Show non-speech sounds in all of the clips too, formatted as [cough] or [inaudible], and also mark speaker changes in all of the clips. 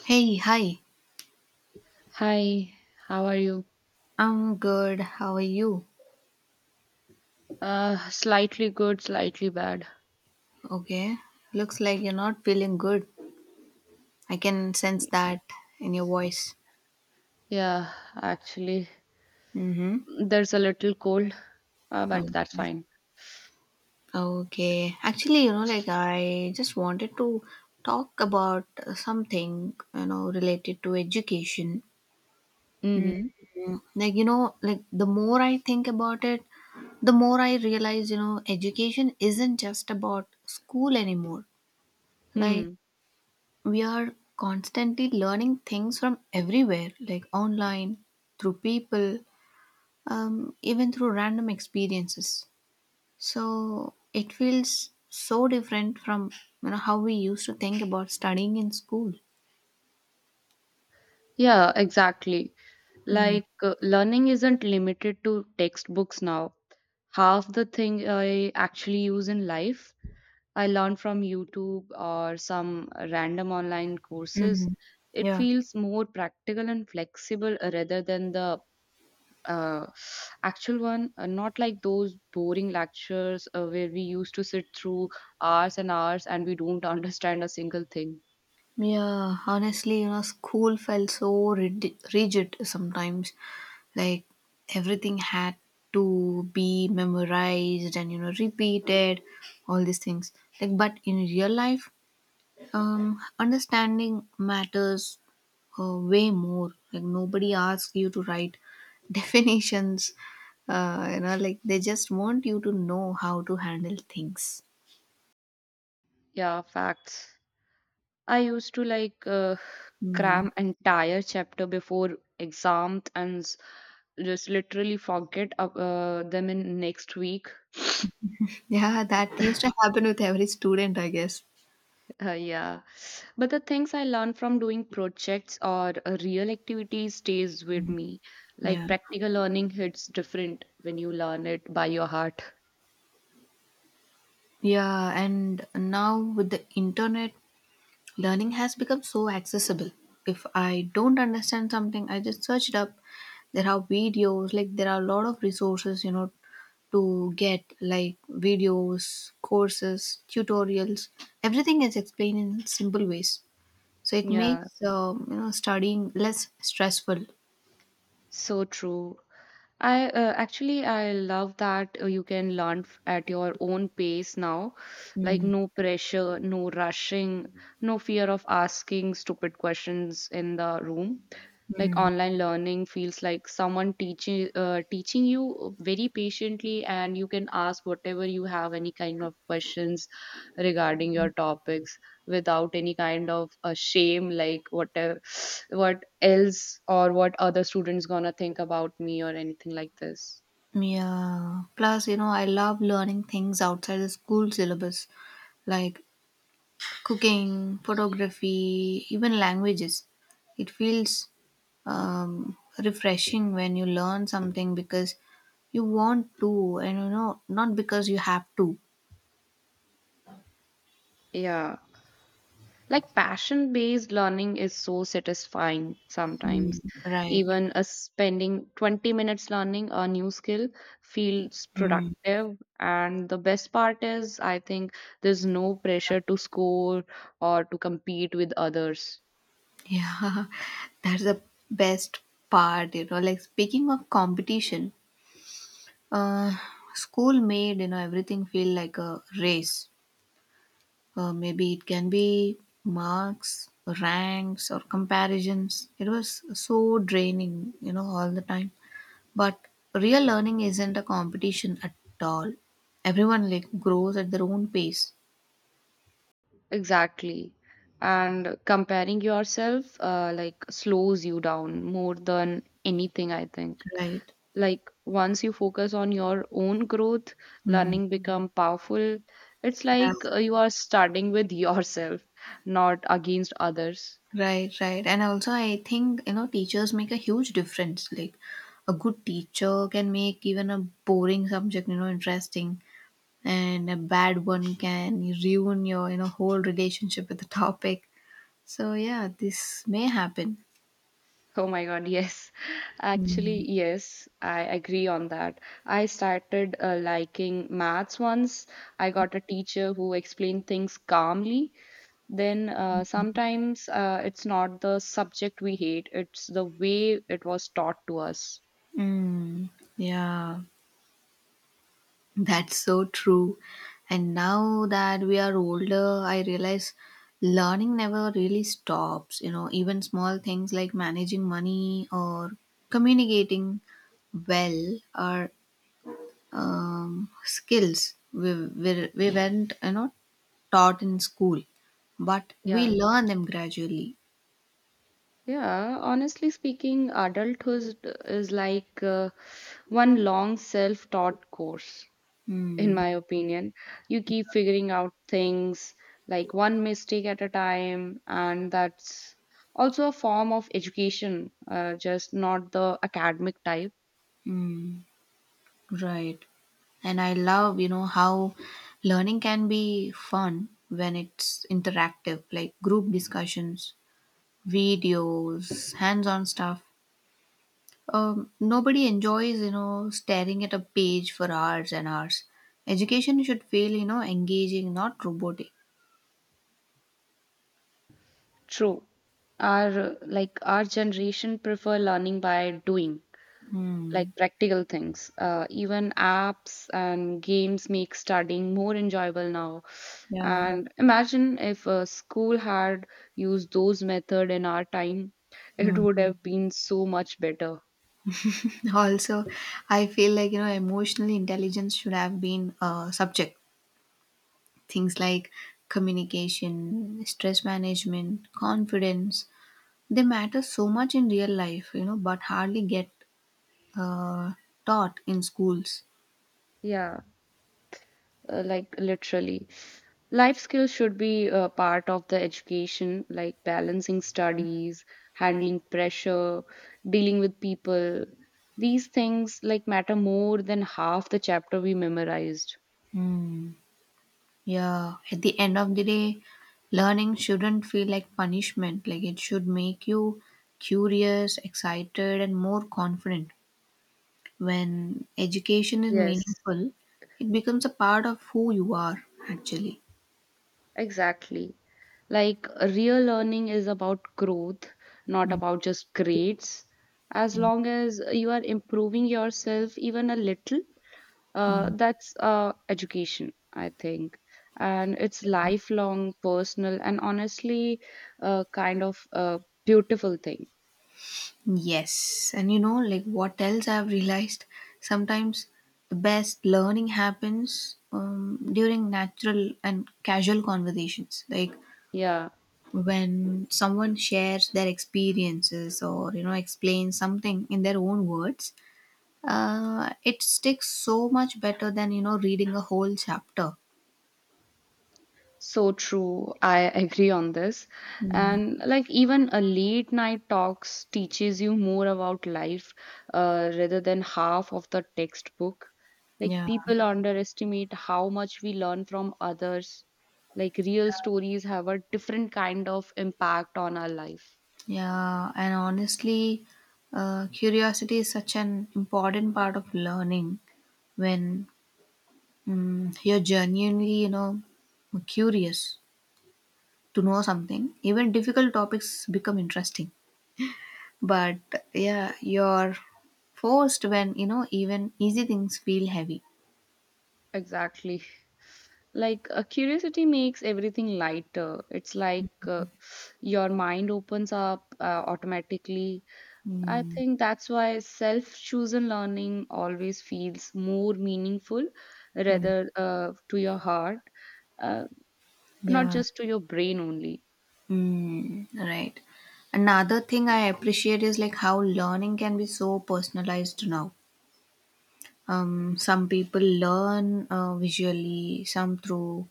Speaker 1: Hey, hi.
Speaker 2: Hi, how are you?
Speaker 1: I'm good. How are you?
Speaker 2: Slightly good, slightly bad.
Speaker 1: Okay. Looks like you're not feeling good. I can sense that in your voice.
Speaker 2: Yeah, actually,
Speaker 1: Mm-hmm.
Speaker 2: there's a little cold, but
Speaker 1: Okay.
Speaker 2: that's fine.
Speaker 1: Okay. Actually, you know, like I just wanted to talk about something, related to education. Mm,
Speaker 2: Mm-hmm.
Speaker 1: Like, like the more I think about it, the more I realize, you know, education isn't just about school anymore. Like,
Speaker 2: Hmm.
Speaker 1: we are constantly learning things from everywhere, like online, through people, even through random experiences. So it feels so different from you know how we used to think about studying in school.
Speaker 2: Yeah, exactly.
Speaker 1: Mm.
Speaker 2: Learning isn't limited to textbooks now. Half the thing I actually use in life, I learn from YouTube or some random online courses.
Speaker 1: Mhm.
Speaker 2: It
Speaker 1: Yeah.
Speaker 2: feels more practical and flexible rather than the uh, actual one, not like those boring lectures where we used to sit through hours and hours and we don't [laughs] understand a single thing.
Speaker 1: Yeah, honestly, you know, school felt so rigid sometimes. Like everything had to be memorized and you know repeated, all these things. Like, but in real life, understanding matters way more like nobody asks you to write [laughs] definitions you know like they just want you to know how to handle things.
Speaker 2: Yeah, facts. I used to like
Speaker 1: Hmm.
Speaker 2: cram entire chapter before exams just literally forget them in next week.
Speaker 1: Yeah, that used to happen with every student, I guess.
Speaker 2: Yeah. But the things I learned from doing projects or real activities stays with me. Like
Speaker 1: Yeah,
Speaker 2: practical learning hits different when you learn it by your heart.
Speaker 1: yeah, and now with the internet, learning has become so accessible. If I don't understand something, I just search it up. There are videos, like there are a lot of resources, you know, to get like videos, courses, tutorials. Everything is explained in simple ways. So it
Speaker 2: Yeah,
Speaker 1: makes you know studying less stressful.
Speaker 2: so true. I Actually, I love that you can at your own pace now. Like no pressure, no rushing, no fear of asking stupid questions in the room. Like online learning feels like someone teaching you very patiently, and you can ask whatever you have, any kind of questions regarding your topics, without any kind of a shame. Like whatever, what else or what other students gonna think about me or anything like this.
Speaker 1: Yeah. Plus, you know, I love learning things outside the school syllabus, like cooking, photography, even languages. It feels refreshing when you learn something because you want to, and you know, not because you have to.
Speaker 2: Yeah. Like passion based learning is so satisfying
Speaker 1: Hmm.
Speaker 2: sometimes.
Speaker 1: Right.
Speaker 2: Even spending 20 minutes learning a new skill feels
Speaker 1: Mm.
Speaker 2: productive. And the best part is, I think there's no pressure to score or to compete with others.
Speaker 1: Yeah, [laughs] that's the best part, you know. Like speaking of competition, uh, school made you know everything feel like a race. Maybe it can be marks, ranks, or comparisons. It was so draining, you know, all the time. But real learning isn't a competition at all. Everyone like grows at their own pace,
Speaker 2: Exactly. And comparing yourself like slows you down more than anything, I think.
Speaker 1: right?
Speaker 2: Like once you focus on your own growth,
Speaker 1: Hmm.
Speaker 2: learning become powerful. It's
Speaker 1: Yeah,
Speaker 2: like you are starting with [laughs] yourself, not against others.
Speaker 1: right, right. And also, I think you know, teachers make a huge difference. Like, a good teacher can make even a boring subject, you know, interesting, and a bad one can ruin your you know whole relationship with the topic. So yeah, this may happen.
Speaker 2: Oh my god, yes. [laughs] Actually,
Speaker 1: Mm.
Speaker 2: yes, I agree on that. I started liking maths once I got a teacher who explained things calmly. Then sometimes it's not the subject we hate, it's the way it was taught to us.
Speaker 1: Mm. Yeah, that's so true. And now that we are older, I realize learning never really stops. You know, even small things like managing money or communicating well are skills we weren't, you know, taught in school, but we
Speaker 2: Yeah.
Speaker 1: learn them gradually.
Speaker 2: Yeah, honestly speaking, adulthood is like one long self-taught course, in
Speaker 1: Mm.
Speaker 2: my opinion. You keep figuring out things like one mistake at a time, and that's also a form of education, just not the academic type.
Speaker 1: Mm. Right. And I love, you know, how learning can be fun when it's interactive, like group discussions, videos, hands on stuff. Nobody enjoys, you know, staring at a page for hours and hours. Education should feel, you know, engaging, not robotic.
Speaker 2: True. Our generation prefer learning by doing. Like
Speaker 1: Hmm.
Speaker 2: practical things. Even apps and games make studying more enjoyable now.
Speaker 1: Yeah.
Speaker 2: And imagine if a school had used those method in our time, it
Speaker 1: Hmm. [laughs]
Speaker 2: would have been so much better.
Speaker 1: Also, I feel like, you know, emotional intelligence should have been a subject. Things like communication, stress management, confidence, they matter so much in real life, you know, but hardly get uh, taught in schools.
Speaker 2: Yeah, like literally. Life skills should be a part of the education, like balancing studies, handling pressure, dealing with people. These things like matter more than half the chapter we memorized.
Speaker 1: Hmm. Yeah, at the end of the day, learning shouldn't feel like punishment. Like it should make you curious, excited, and more confident. When education is
Speaker 2: Yes.
Speaker 1: meaningful, it becomes a part of who you are, actually.
Speaker 2: Exactly. Like real learning is about growth, not
Speaker 1: Mm.
Speaker 2: about just grades. As
Speaker 1: Yeah.
Speaker 2: long as you are improving yourself even a little,
Speaker 1: Mm.
Speaker 2: that's education, I think. And it's lifelong, personal, and honestly, kind of a beautiful thing.
Speaker 1: Yes, and you know, like what else I've realized, sometimes the best learning happens during natural and casual conversations, like
Speaker 2: Yeah.
Speaker 1: when someone shares their experiences or you know explains something in their own words. It sticks so much better than you know reading a whole chapter.
Speaker 2: So true. I agree on this.
Speaker 1: Mm.
Speaker 2: And like even a late night talks teaches you more about life rather than half of the textbook. Like
Speaker 1: Yeah,
Speaker 2: people underestimate how much we learn from others. Like real stories have a different kind of impact on our life.
Speaker 1: yeah, and honestly, curiosity is such an important part of learning when you're genuinely, you know, curious to know something. Even difficult topics become interesting. But yeah, you're forced when, you know, even easy things feel heavy.
Speaker 2: Exactly. Like a curiosity makes everything lighter. It's like your mind opens up automatically. I
Speaker 1: Mm,
Speaker 2: think that's why self chosen learning always feels more meaningful,
Speaker 1: mm,
Speaker 2: rather to your heart, uh, not
Speaker 1: yeah.
Speaker 2: just to your brain only.
Speaker 1: Mm, right. Another thing I appreciate is like how learning can be so personalized now. Some people learn visually, some through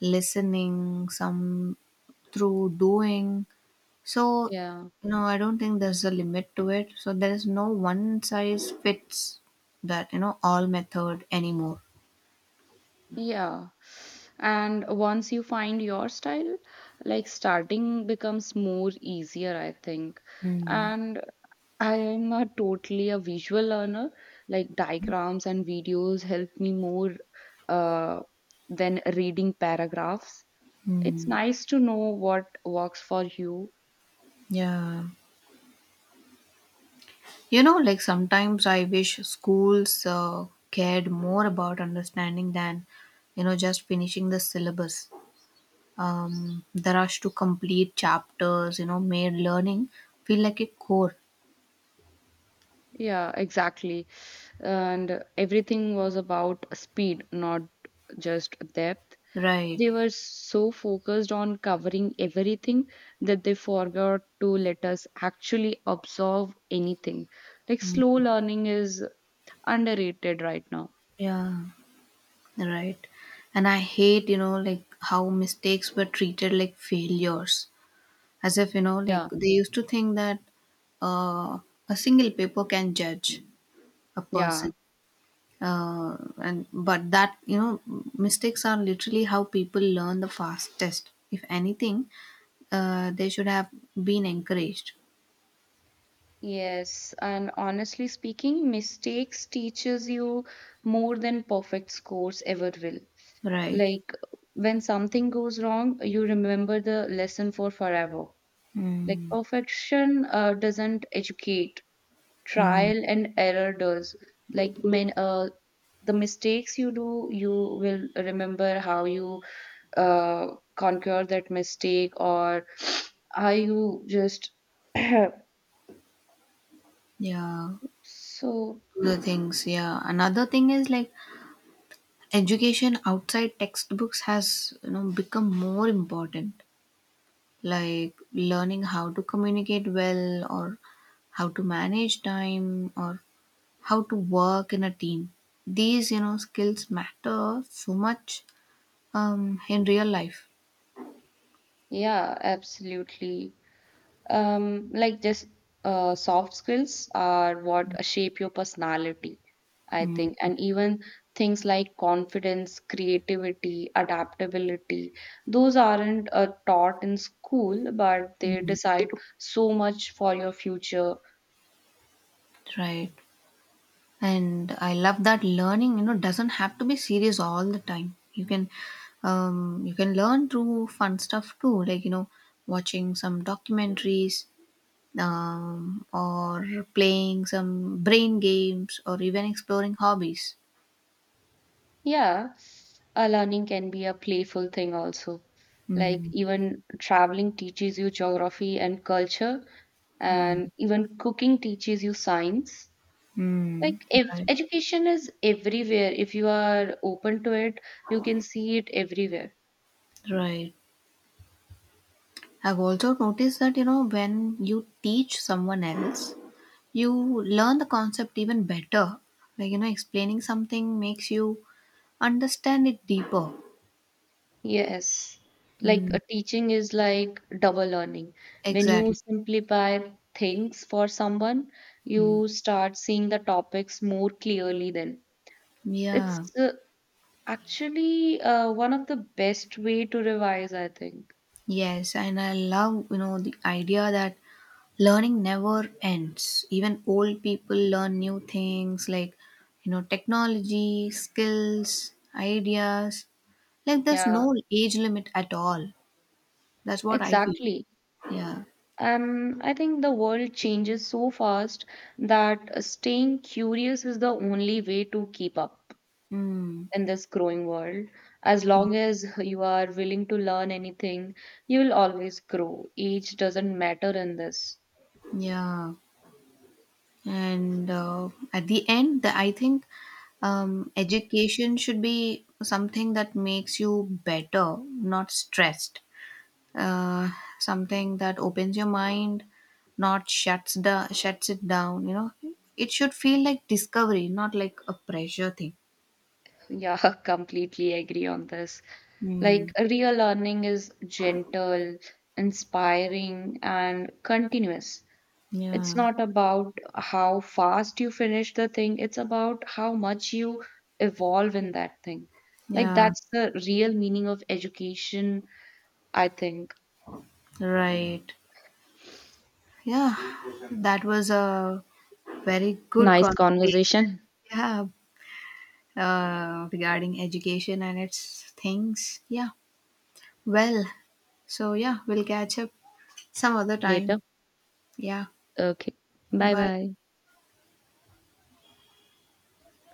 Speaker 1: listening, some through doing. So,
Speaker 2: Yeah,
Speaker 1: no, I don't think there's a limit to it. So, there is no one size fits that, you know, all method anymore.
Speaker 2: yeah. And once you find your style, like starting becomes more easier, I think.
Speaker 1: Hmm.
Speaker 2: And I am not totally a visual learner, like diagrams and videos help me more uh, than reading paragraphs. It's
Speaker 1: Hmm.
Speaker 2: nice to know what works for you.
Speaker 1: Yeah. You know, like sometimes I wish schools cared more about understanding than, you know, just finishing the syllabus. The rush to complete chapters, you know, made learning feel like a chore.
Speaker 2: Yeah, exactly. And everything was about speed, not just depth.
Speaker 1: Right.
Speaker 2: They were so focused on covering everything that they forgot to let us actually absorb anything. Like slow learning is underrated right now.
Speaker 1: Yeah. Right. And I hate, you know, like how mistakes were treated like failures. As if, you know, like
Speaker 2: Yeah.
Speaker 1: they used to think that uh, a single paper can judge a
Speaker 2: Yeah.
Speaker 1: person. And but that, you know, mistakes are literally how people learn the fastest. If anything, they should have been encouraged.
Speaker 2: Yes, and honestly speaking, mistakes teaches you more than perfect scores ever will.
Speaker 1: Right.
Speaker 2: Like when something goes wrong, you remember the lesson for forever. Like perfection doesn't educate,
Speaker 1: Mm.
Speaker 2: trial and error does. Like when the mistakes you do, you will remember how you uh, conquer that mistake, or [sniffs] how you just. [clears throat]
Speaker 1: Yeah.
Speaker 2: So,
Speaker 1: Other things. Yeah. Another thing is like education outside textbooks has you know become more important, like learning how to communicate well or how to manage time or how to work in a team. These you know skills matter so much in real life.
Speaker 2: yeah, absolutely. Like just soft skills are what shape your personality, I think.
Speaker 1: Mm,
Speaker 2: And even things like confidence, creativity, adaptability, those aren't taught in school, but they decide so much for your future.
Speaker 1: right. And I love that learning you know doesn't have to be serious all the time. You can you can learn through fun stuff too, like you know watching some documentaries, or playing some brain games or even exploring hobbies.
Speaker 2: Yeah. Learning can be a playful thing also. Like
Speaker 1: Mm,
Speaker 2: even traveling teaches you geography and culture, and even cooking teaches you science.
Speaker 1: mm,
Speaker 2: Like if
Speaker 1: right,
Speaker 2: education is everywhere, if you are open to it, you can see it everywhere.
Speaker 1: right. I've also noticed that you know when you teach someone else, you learn the concept even better. Like you know, explaining something makes you understand it deeper.
Speaker 2: Yes. Like
Speaker 1: Mm,
Speaker 2: a teaching is like double learning. When you
Speaker 1: exactly.
Speaker 2: simplify things for someone,
Speaker 1: Mm.
Speaker 2: you start seeing the topics more clearly then. It's
Speaker 1: Yeah.
Speaker 2: uh, actually uh, one of the best way to revise, I think.
Speaker 1: Yes, and I love you know the idea that learning never ends. Even old people learn new things, like you know technology skills, ideas. Like there's
Speaker 2: Yeah,
Speaker 1: no age limit at all. That's what I feel.
Speaker 2: exactly.
Speaker 1: Yeah.
Speaker 2: I think the world changes so fast that staying curious is the only way to keep up
Speaker 1: Mm,
Speaker 2: in this growing world. As long as you are willing to learn anything, you will always grow. Age doesn't matter in this.
Speaker 1: yeah. And at the end the, I think education should be something that makes you better, not stressed. uh, Something that opens your mind, not shuts it down, you know. It should feel like discovery, not like a pressure thing.
Speaker 2: Yeah, [laughs] completely agree on this.
Speaker 1: Hmm.
Speaker 2: Like, real learning is gentle, inspiring, and continuous. It's
Speaker 1: Yeah,
Speaker 2: not about how fast you finish the thing, it's about how much you evolve in that thing. Like,
Speaker 1: yeah,
Speaker 2: that's the real meaning of education, I think.
Speaker 1: right, yeah, that was a very good
Speaker 2: Nice
Speaker 1: conversation.
Speaker 2: conversation.
Speaker 1: Yeah, regarding education and its things. Yeah, well, so yeah, we'll catch up some other time.
Speaker 2: Later.
Speaker 1: Yeah,
Speaker 2: Okay. Bye
Speaker 1: bye.
Speaker 2: bye.